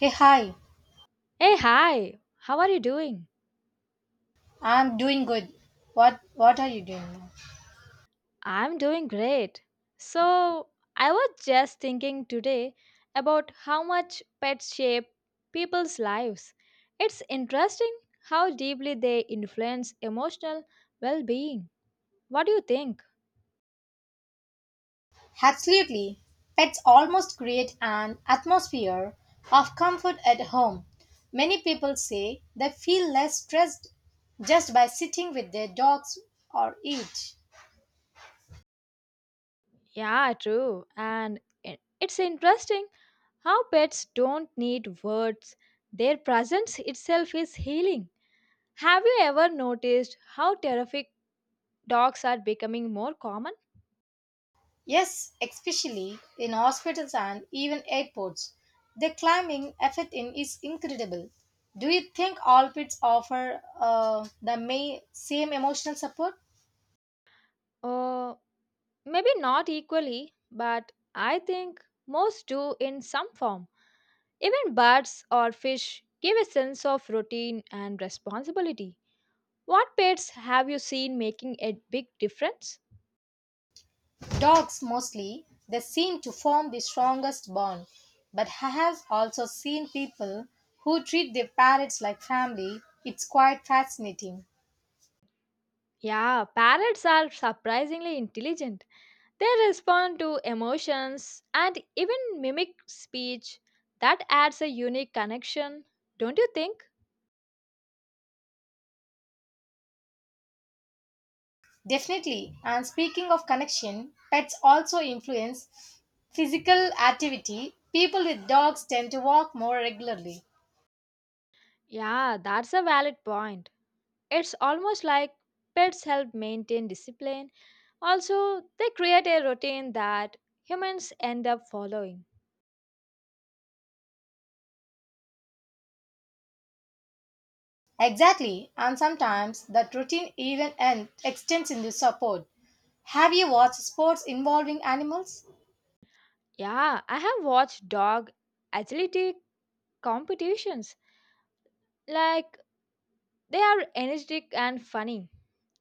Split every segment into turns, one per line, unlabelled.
Hey, hi.
Hey, hi. How are you doing?
I'm doing good. What are you doing now?
I'm doing great. So, I was just thinking today about how much pets shape people's lives. It's interesting how deeply they influence emotional well being. What do you think?
Absolutely. Pets almost create an atmosphere of comfort at home. Many people say they feel less stressed just by sitting with their dogs or eat.
Yeah, true. And it's interesting how pets don't need words, their presence itself is healing. Have you ever noticed how terrific dogs are becoming more common?
Yes, especially in hospitals and even airports. The climbing effect in is incredible. Do you think all pets offer the may, same emotional support?
Uh, Maybe not equally, but I think most do in some form. Even birds or fish give a sense of routine and responsibility. What pets have you seen making a big difference?
Dogs mostly, they seem to form the strongest bond. But I have also seen people who treat their parrots like family. It's quite fascinating.
Yeah, parrots are surprisingly intelligent. They respond to emotions and even mimic speech. That adds a unique connection, don't you think?
Definitely. And speaking of connection, pets also influence physical activity. People with dogs tend to walk more regularly.
Yeah, that's a valid point. It's almost like pets help maintain discipline. Also, they create a routine that humans end up following.
Exactly. And sometimes that routine even and extends into support. Have you watched sports involving animals?
Yeah, I have watched dog agility competitions. Like, they are energetic and funny.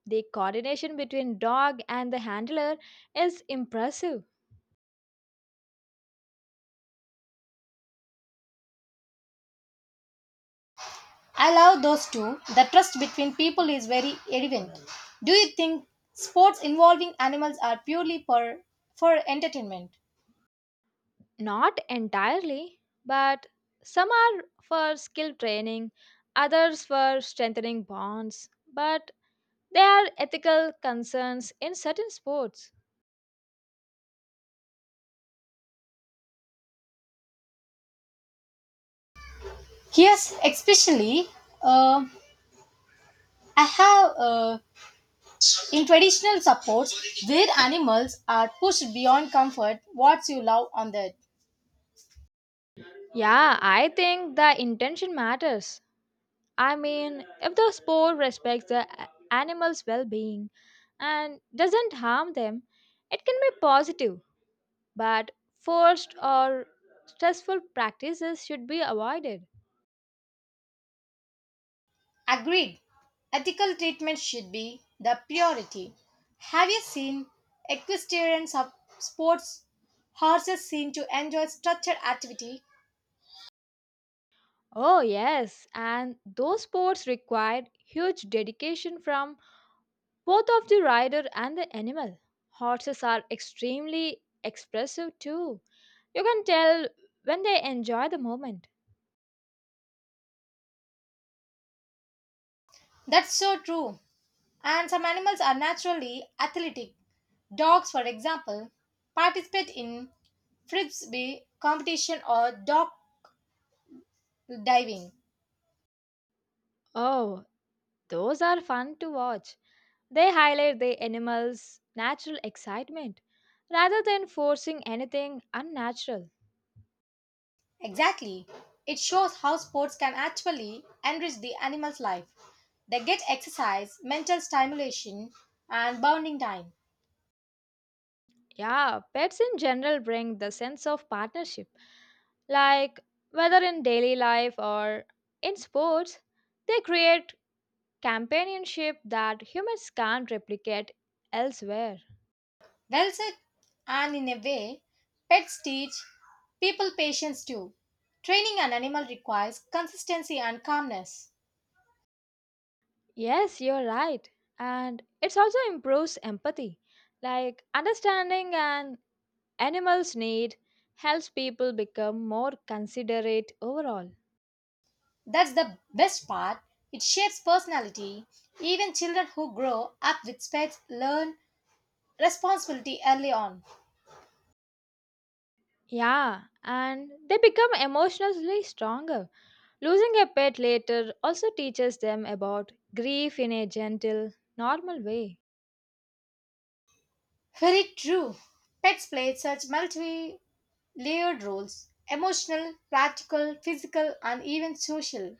The coordination between dog and the handler is impressive.
I love those two. The trust between people is very evident. Do you think sports involving animals are purely for entertainment?
Not entirely, but some are for skill training, others for strengthening bonds. But there are ethical concerns in certain sports.
Yes, especially uh, I have in traditional sports where animals are pushed beyond comfort. What you love on that?
Yeah, I think the intention matters. I mean, if the sport respects the animal's well being and doesn't harm them, it can be positive, but forced or stressful practices should be avoided.
Agreed, ethical treatment should be the priority. Have you seen sports? Horses seem to enjoy structured activity.
Oh, yes, and those sports require huge dedication from both of the rider and the animal. Horses are extremely expressive too. You can tell when they enjoy the moment.
That's so true. And some animals are naturally athletic. Dogs, for example, participate in frisbee competition or dog diving.
Oh, those are fun to watch. They highlight the animal's natural excitement rather than forcing anything unnatural.
Exactly. It shows how sports can actually enrich the animal's life. They get exercise, mental stimulation, and bonding time.
Yeah, pets in general bring the sense of partnership. Like whether in daily life or in sports, they create companionship that humans can't replicate elsewhere.
Well said. And in a way, pets teach people patience too. Training an animal requires consistency and calmness.
Yes, you're right. And it also improves empathy. Like understanding an animal's need helps people become more considerate overall.
That's the best part. It shapes personality. Even children who grow up with pets learn responsibility early on.
Yeah, and they become emotionally stronger. Losing a pet later also teaches them about grief in a gentle, normal way.
Very true. Pets play such multi layered roles emotional, practical, physical, and even social.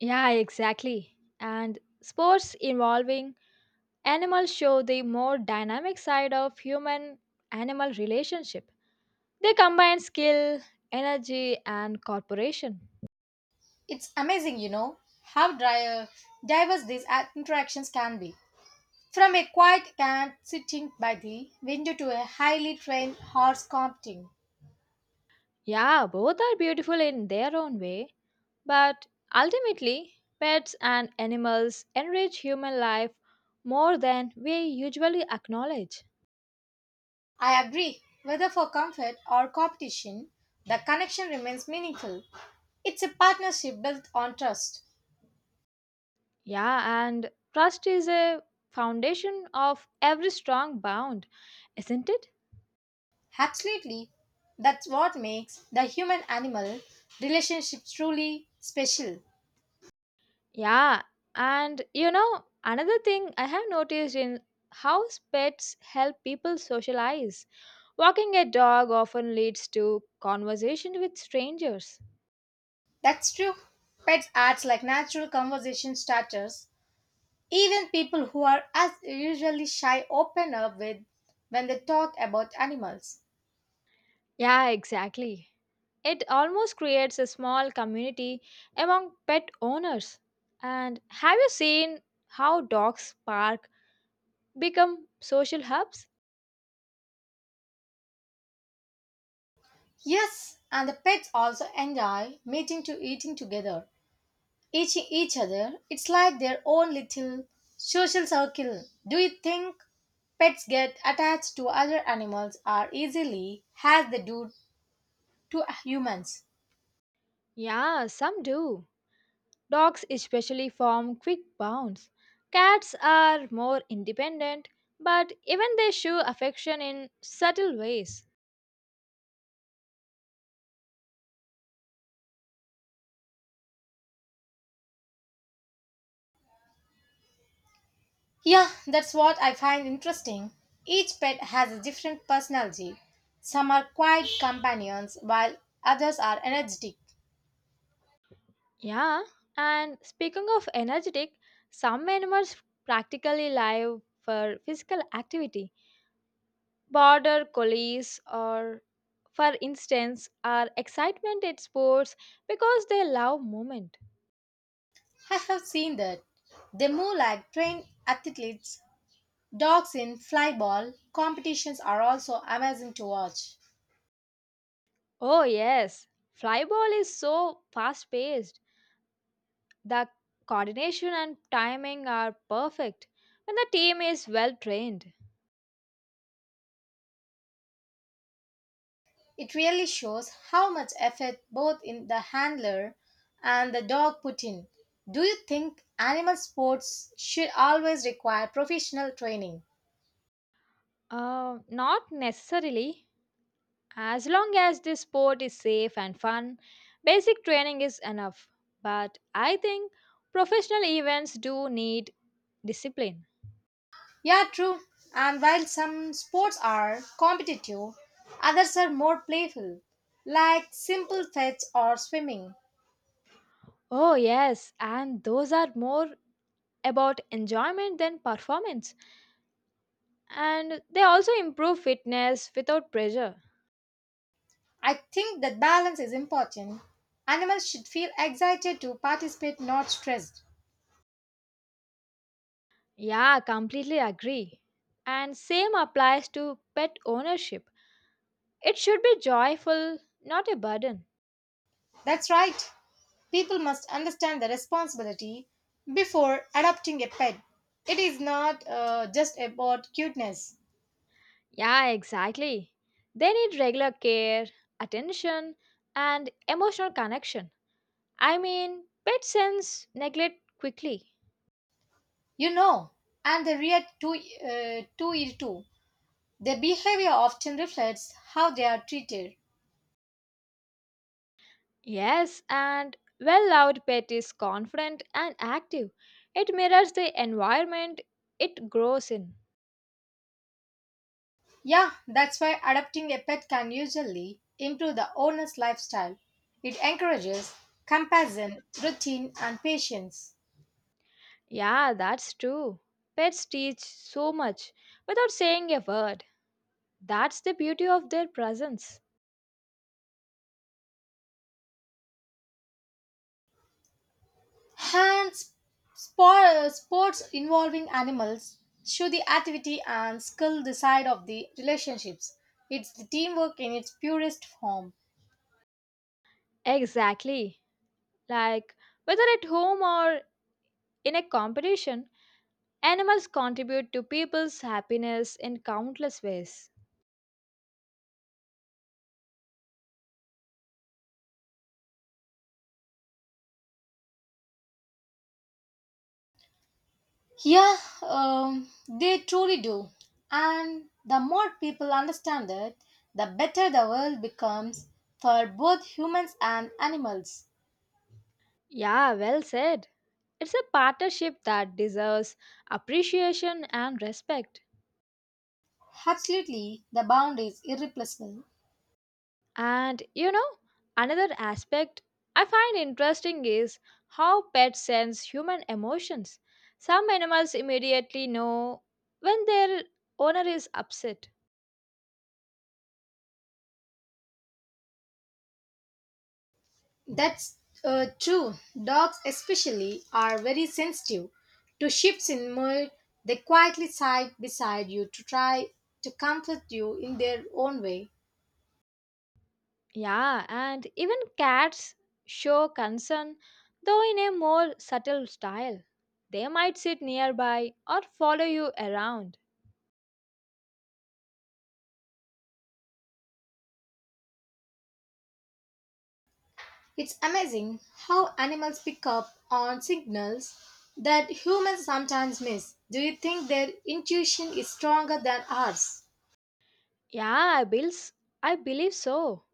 Yeah, exactly. And sports involving animals show the more dynamic side of human animal relationship. They combine skill, energy, and cooperation.
It's amazing, you know, how diverse these interactions can be. From a quiet cat sitting by the window to a highly trained horse competing.
Yeah, both are beautiful in their own way, but ultimately, pets and animals enrich human life more than we usually acknowledge.
I agree. Whether for comfort or competition, the connection remains meaningful. It's a partnership built on trust.
Yeah, and trust is a foundation of every strong bond, isn't it?
Absolutely. That's what makes the human animal relationship truly special.
Yeah, and you know, another thing I have noticed in how pets help people socialize. Walking a dog often leads to conversation with strangers.
That's true. Pets act like natural conversation starters. Even people who are as usually shy open up with when they talk about animals.
Yeah, exactly. It almost creates a small community among pet owners. And have you seen how dogs park become social hubs?
Yes, and the pets also enjoy meeting to eating together. Each other. It's like their own little social circle. Do you think pets get attached to other animals as easily as they do to humans?
Yeah, some do. Dogs especially form quick bonds. Cats are more independent, but even they show affection in subtle ways.
Yeah, that's what I find interesting. Each pet has a different personality. Some are quiet companions while others are energetic.
Yeah, and speaking of energetic, some animals practically live for physical activity. Border collies or for instance are excitement at sports because they love movement.
I have seen that. They move like trained athletes. Dogs in flyball competitions are also amazing to watch.
Oh yes, flyball is so fast paced. The coordination and timing are perfect when the team is well trained.
It really shows how much effort both in the handler and the dog put in. Do you think animal sports should always require professional training?
Not necessarily. As long as the sport is safe and fun, basic training is enough. But I think professional events do need discipline.
Yeah, true. And while some sports are competitive, others are more playful, like simple fetch or swimming.
Oh, yes, and those are more about enjoyment than performance. And they also improve fitness without pressure.
I think that balance is important. Animals should feel excited to participate, not stressed.
Yeah, completely agree. And same applies to pet ownership. It should be joyful, not a burden.
That's right. People must understand the responsibility before adopting a pet. It is not just about cuteness,
Yeah, exactly. They need regular care, attention, and emotional connection. I mean, pet sense neglect quickly.
you know. And they react to it too. Their behavior often reflects how they are treated.
Yes, and well-loved pet is confident and active. It mirrors the environment it grows in.
Yeah, that's why adopting a pet can usually improve the owner's lifestyle. It encourages compassion, routine, and patience.
Yeah, that's true. Pets teach so much without saying a word. That's the beauty of their presence.
Hands sports involving animals show the activity and skill the side of the relationships. It's the teamwork in its purest form.
Exactly. Like, whether at home or in a competition, animals contribute to people's happiness in countless ways.
Yeah, they truly do. And the more people understand it, the better the world becomes for both humans and animals.
Yeah, well said. It's a partnership that deserves appreciation and respect.
Absolutely, the bond is irreplaceable.
And you know, another aspect I find interesting is how pets sense human emotions. Some animals immediately know when their owner is upset.
That's true. Dogs, especially, are very sensitive to shifts in mood. They quietly side beside you to try to comfort you in their own way.
Yeah, and even cats show concern, though in a more subtle style. They might sit nearby or follow you around.
It's amazing how animals pick up on signals that humans sometimes miss. Do you think their intuition is stronger than ours?
Yeah, I believe so.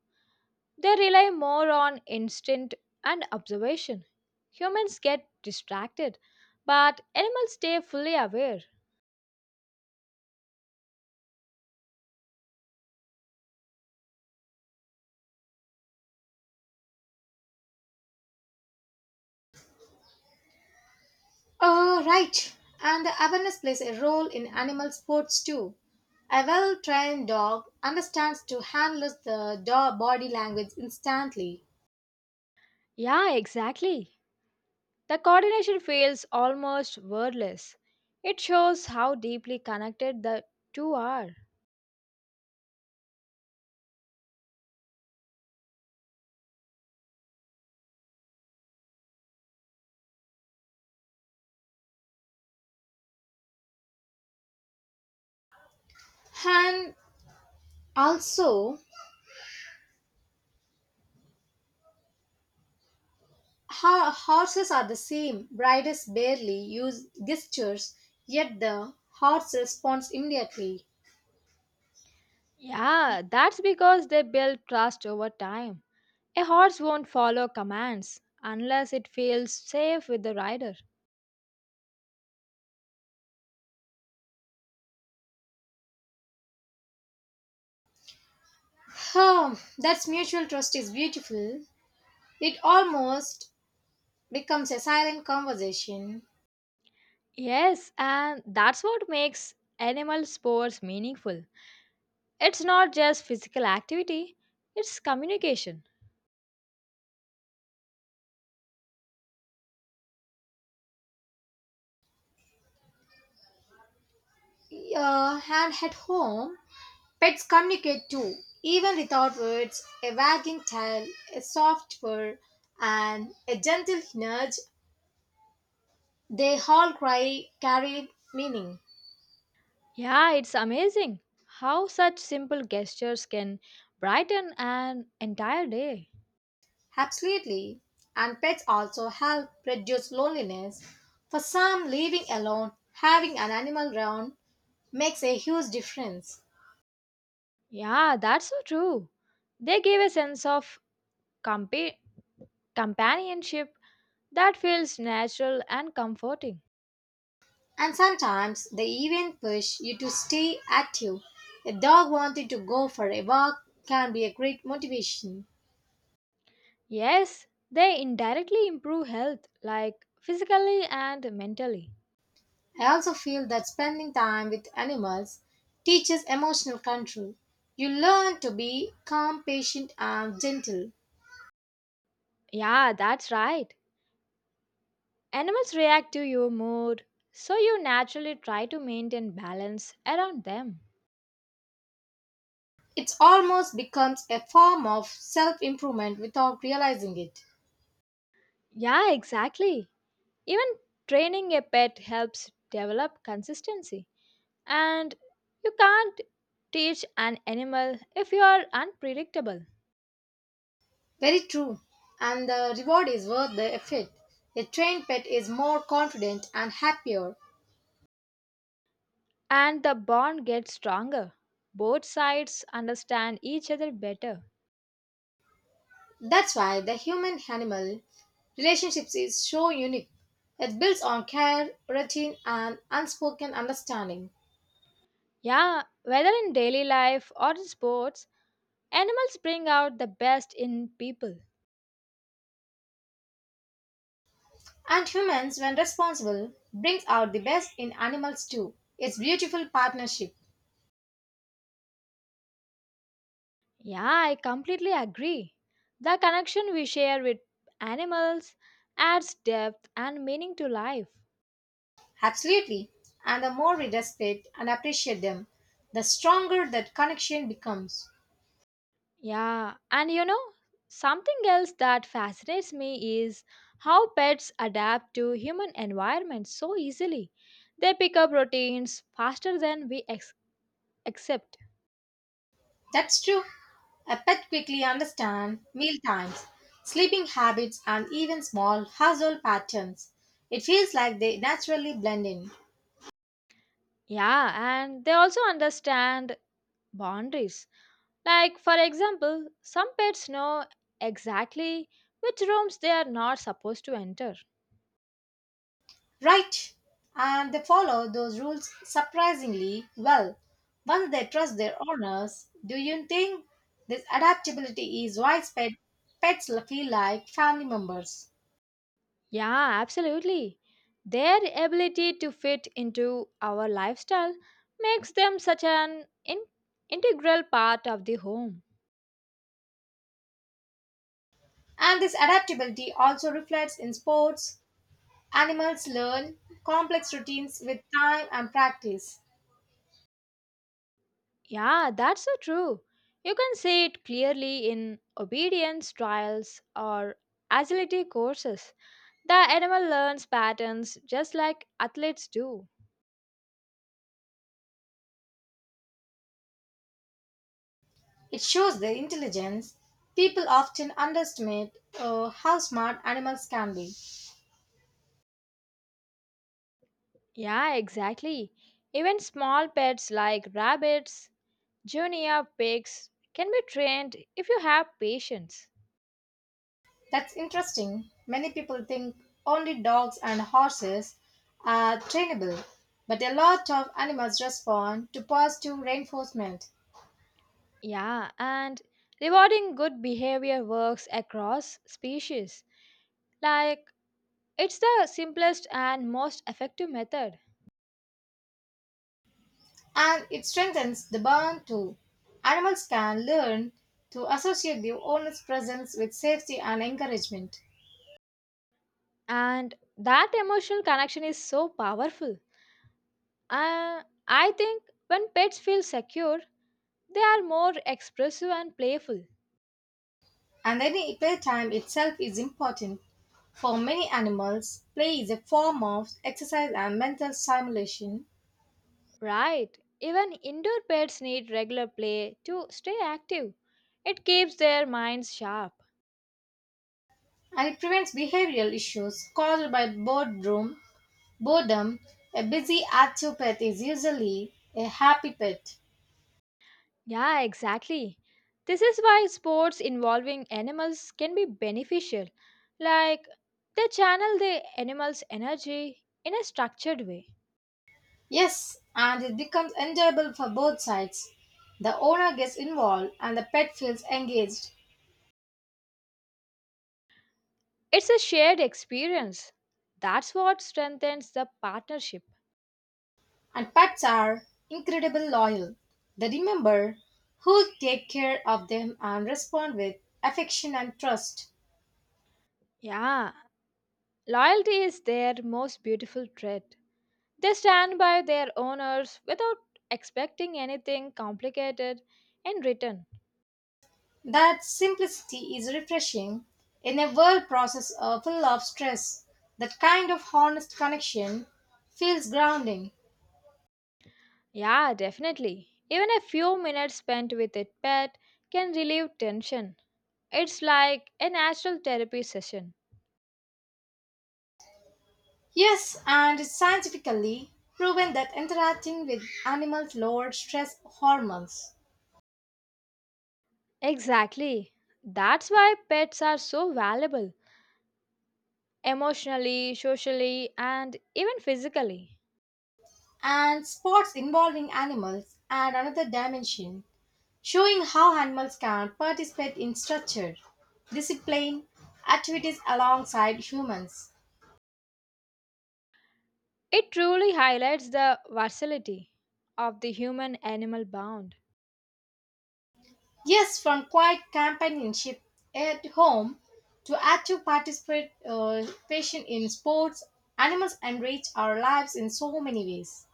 They rely more on instinct and observation. Humans get distracted, but animals stay fully aware.
Oh, right. And the awareness plays a role in animal sports too. A well trained dog understands to handle the dog body language instantly.
Yeah, exactly. The coordination feels almost wordless. It shows how deeply connected the two are.
And also, horses are the same. Riders barely use gestures, yet the horse responds immediately.
Yeah, that's because they build trust over time. A horse won't follow commands unless it feels safe with the rider.
Oh, that mutual trust is beautiful. It almost becomes a silent conversation.
Yes, and that's what makes animal sports meaningful. It's not just physical activity, it's communication.
And at home, pets communicate too, even without words, a wagging tail, a soft purr, and a gentle nudge. They all cry, carry meaning.
Yeah, it's amazing how such simple gestures can brighten an entire day.
Absolutely. And pets also help reduce loneliness. For some, living alone, having an animal around makes a huge difference.
Yeah, that's so true. They give a sense of compa- companionship that feels natural and comforting.
And sometimes they even push you to stay active. A dog wanting to go for a walk can be a great motivation.
Yes, they indirectly improve health, like physically and mentally.
I also feel that spending time with animals teaches emotional control. You learn to be calm, patient, and gentle.
Yeah, that's right. Animals react to your mood, so you naturally try to maintain balance around them.
It almost becomes a form of self improvement without realizing it.
Yeah, exactly. Even training a pet helps develop consistency. And you can't teach an animal if you are unpredictable.
Very true. And the reward is worth the effort. A trained pet is more confident and happier.
And the bond gets stronger. Both sides understand each other better.
That's why the human animal relationships is so unique. It builds on care, routine, and unspoken understanding.
Yeah, whether in daily life or in sports, animals bring out the best in people.
And humans, when responsible, brings out the best in animals too. It's beautiful partnership.
Yeah, I completely agree. The connection we share with animals adds depth and meaning to life.
Absolutely. And the more we respect and appreciate them, the stronger that connection becomes.
Yeah, and you know, something else that fascinates me is how pets adapt to human environments so easily. They pick up routines faster than we accept.
That's true. A pet quickly understands meal times, sleeping habits, and even small household patterns. It feels like they naturally blend in.
Yeah, and they also understand boundaries. Like, for example, some pets know exactly which rooms they are not supposed to enter.
Right. And they follow those rules surprisingly well. Once they trust their owners, do you think this adaptability is why pets feel like family members?
Yeah, absolutely. Their ability to fit into our lifestyle makes them such an integral part of the home.
And this adaptability also reflects in sports. Animals learn complex routines with time and practice.
Yeah, that's so true. You can see it clearly in obedience trials or agility courses. The animal learns patterns just like athletes do.
It shows their intelligence. People often underestimate how smart animals can be.
Yeah, exactly. Even small pets like rabbits, junior pigs can be trained if you have patience.
That's interesting. Many people think only dogs and horses are trainable, but a lot of animals respond to positive reinforcement,
Yeah, and rewarding good behavior works across species. Like, it's the simplest and most effective method.
and it strengthens the bond too. Animals can learn to associate the owner's presence with safety and encouragement.
And that emotional connection is so powerful. Uh, I think when pets feel secure, they are more expressive and playful.
And any playtime itself is important. For many animals, play is a form of exercise and mental stimulation,
Right. Even indoor pets need regular play to stay active. It keeps their minds sharp.
and it prevents behavioral issues caused by boredom. Boredom, a busy, active pet is usually a happy pet.
Yeah, exactly. This is why sports involving animals can be beneficial. Like, they channel the animal's energy in a structured way.
Yes, and it becomes enjoyable for both sides. The owner gets involved and the pet feels engaged,
It's a shared experience. That's what strengthens the partnership.
and pets are incredibly loyal. They remember who take care of them and respond with affection and trust.
Yeah, loyalty is their most beautiful trait. They stand by their owners without expecting anything complicated in return.
That simplicity is refreshing in a world process full of stress. That kind of honest connection feels grounding.
Yeah, definitely. Even a few minutes spent with a pet can relieve tension. It's like a natural therapy session.
Yes, and it's scientifically proven that interacting with animals lowers stress hormones.
Exactly. That's why pets are so valuable emotionally, socially, and even physically.
And sports involving animals add another dimension, showing how animals can participate in structured, disciplined activities alongside humans.
It truly highlights the versatility of the human animal bond.
Yes, from quiet companionship at home to active participation in sports, animals enrich our lives in so many ways.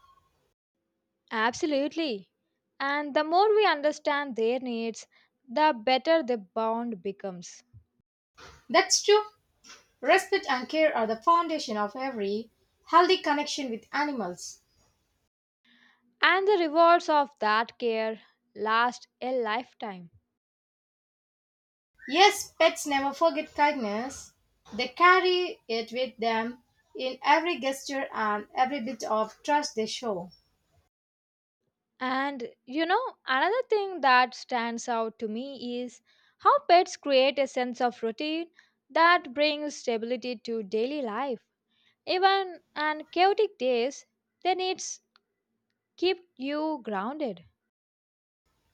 Absolutely. And the more we understand their needs, the better the bond becomes.
That's true. Respect and care are the foundation of every healthy connection with animals.
And the rewards of that care last a lifetime.
Yes, pets never forget kindness. They carry it with them in every gesture and every bit of trust they show.
And you know, another thing that stands out to me is how pets create a sense of routine that brings stability to daily life. Even on chaotic days, their needs keep you grounded.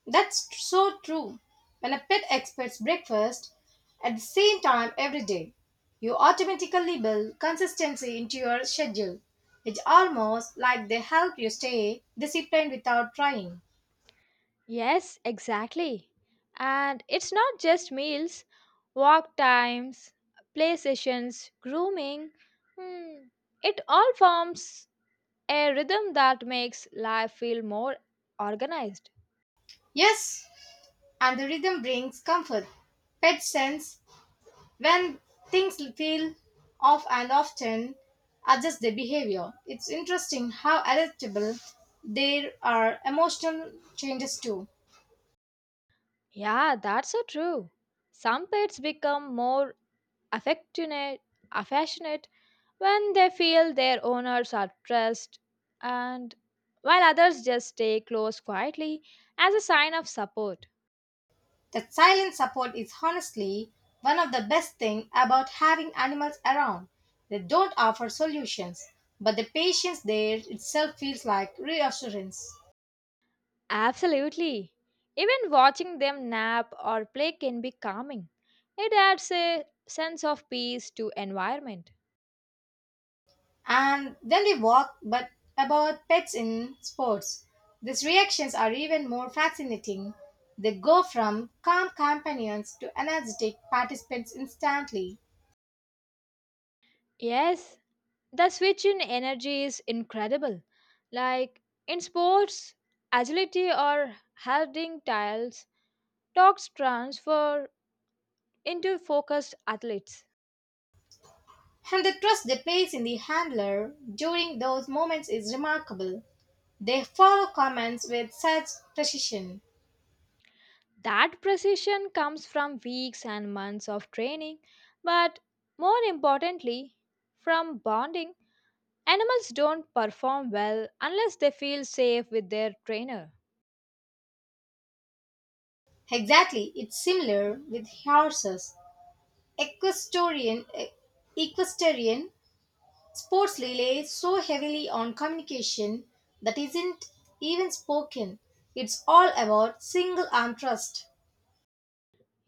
That's so true. When a pet expects breakfast at the same time every day, you automatically build consistency into your schedule. It's almost like they help you stay disciplined without trying.
Yes, exactly. And it's not just meals, walk times, play sessions, grooming. Hmm, it all forms a rhythm that makes life feel more organized.
Yes, and the rhythm brings comfort. Pets sense when things feel off and often adjust their behavior. It's interesting how adaptable there are emotional changes too.
Yeah, that's so true. Some pets become more affectionate, affectionate when they feel their owners are stressed, and while others just stay close quietly as a sign of support.
That silent support is honestly one of the best things about having animals around. They don't offer solutions, but the patience there itself feels like reassurance.
Absolutely. Even watching them nap or play can be calming. It adds a sense of peace to environment.
And then we walked but about pets in sports. These reactions are even more fascinating. They go from calm companions to energetic participants instantly.
Yes, the switch in energy is incredible. Like in sports, agility or heading tiles talks transfer into focused athletes.
And the trust they place in the handler during those moments is remarkable. They follow commands with such precision.
That precision comes from weeks and months of training, but more importantly, from bonding. Animals don't perform well unless they feel safe with their trainer.
Exactly, it's similar with horses. Equestrian, eh, equestrian sports rely so heavily on communication that isn't even spoken. It's all about single arm thrust.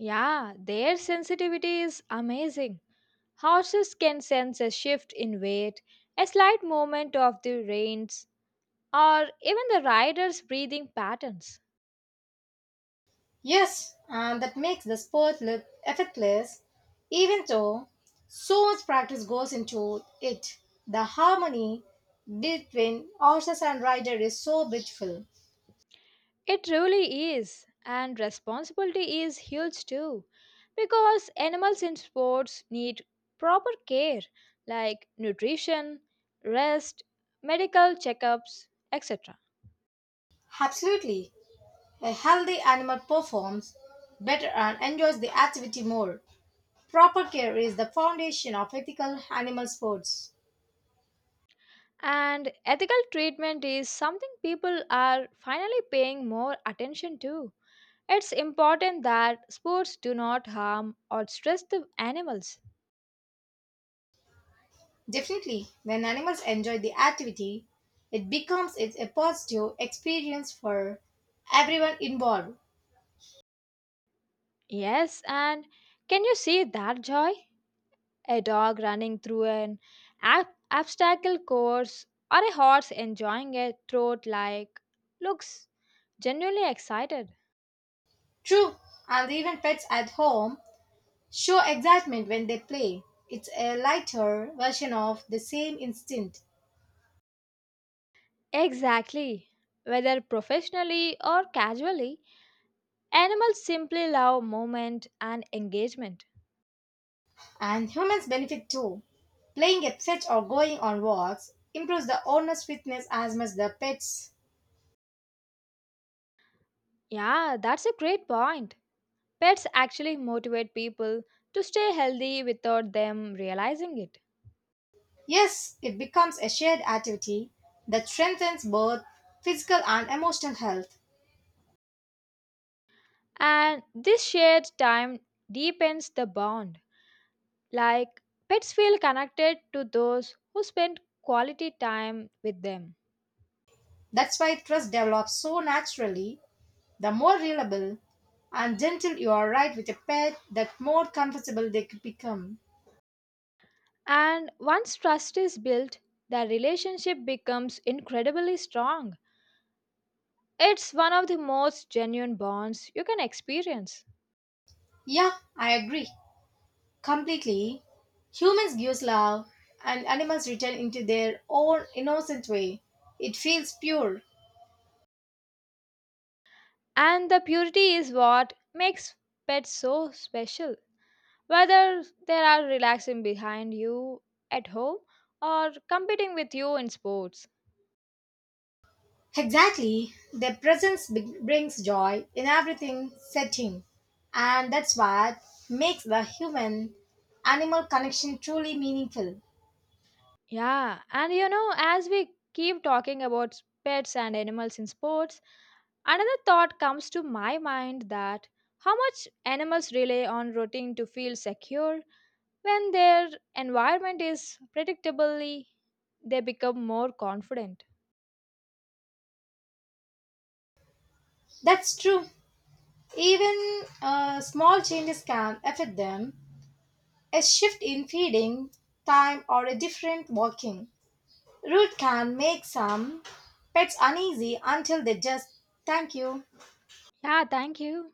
Yeah, their sensitivity is amazing. Horses can sense a shift in weight, a slight movement of the reins, or even the rider's breathing patterns.
Yes, and that makes the sport look effortless, even though so much practice goes into it. The harmony between horses and rider is so beautiful.
It really is, and responsibility is huge too, because animals in sports need proper care like nutrition, rest, medical checkups, etc.
Absolutely, a healthy animal performs better and enjoys the activity more. Proper care is the foundation of ethical animal sports.
And ethical treatment is something people are finally paying more attention to. It's important that sports do not harm or stress the animals.
Definitely, when animals enjoy the activity, it becomes it's a positive experience for everyone involved.
Yes, and can you see that joy? A dog running through an obstacle course or a horse enjoying a trot like looks genuinely excited.
True, and even pets at home show excitement when they play. It's a lighter version of the same instinct,
Exactly. Whether professionally or casually, animals simply love movement and engagement.
and humans benefit too. Playing at fetch or going on walks improves the owner's fitness as much the pets.
Yeah, that's a great point. Pets actually motivate people to stay healthy without them realizing it.
Yes, it becomes a shared activity that strengthens both physical and emotional health.
And this shared time deepens the bond. Like, pets feel connected to those who spend quality time with them.
That's why trust develops so naturally. The more reliable and gentle you are right with a pet, the more comfortable they could become.
And once trust is built, the relationship becomes incredibly strong. It's one of the most genuine bonds you can experience.
Yeah, I agree completely. Humans give love and animals return into their own innocent way. It feels pure.
And the purity is what makes pets so special, whether they are relaxing behind you at home or competing with you in sports.
Exactly. Their presence brings joy in everything setting. And that's what makes the human animal connection truly meaningful.
Yeah, and you know, as we keep talking about pets and animals in sports, another thought comes to my mind that how much animals rely on routine to feel secure when their environment is predictably they become more confident.
That's true. Even small changes can affect them. A shift in feeding time or a different walking route can make some pets uneasy until they just thank you.
Yeah, thank you.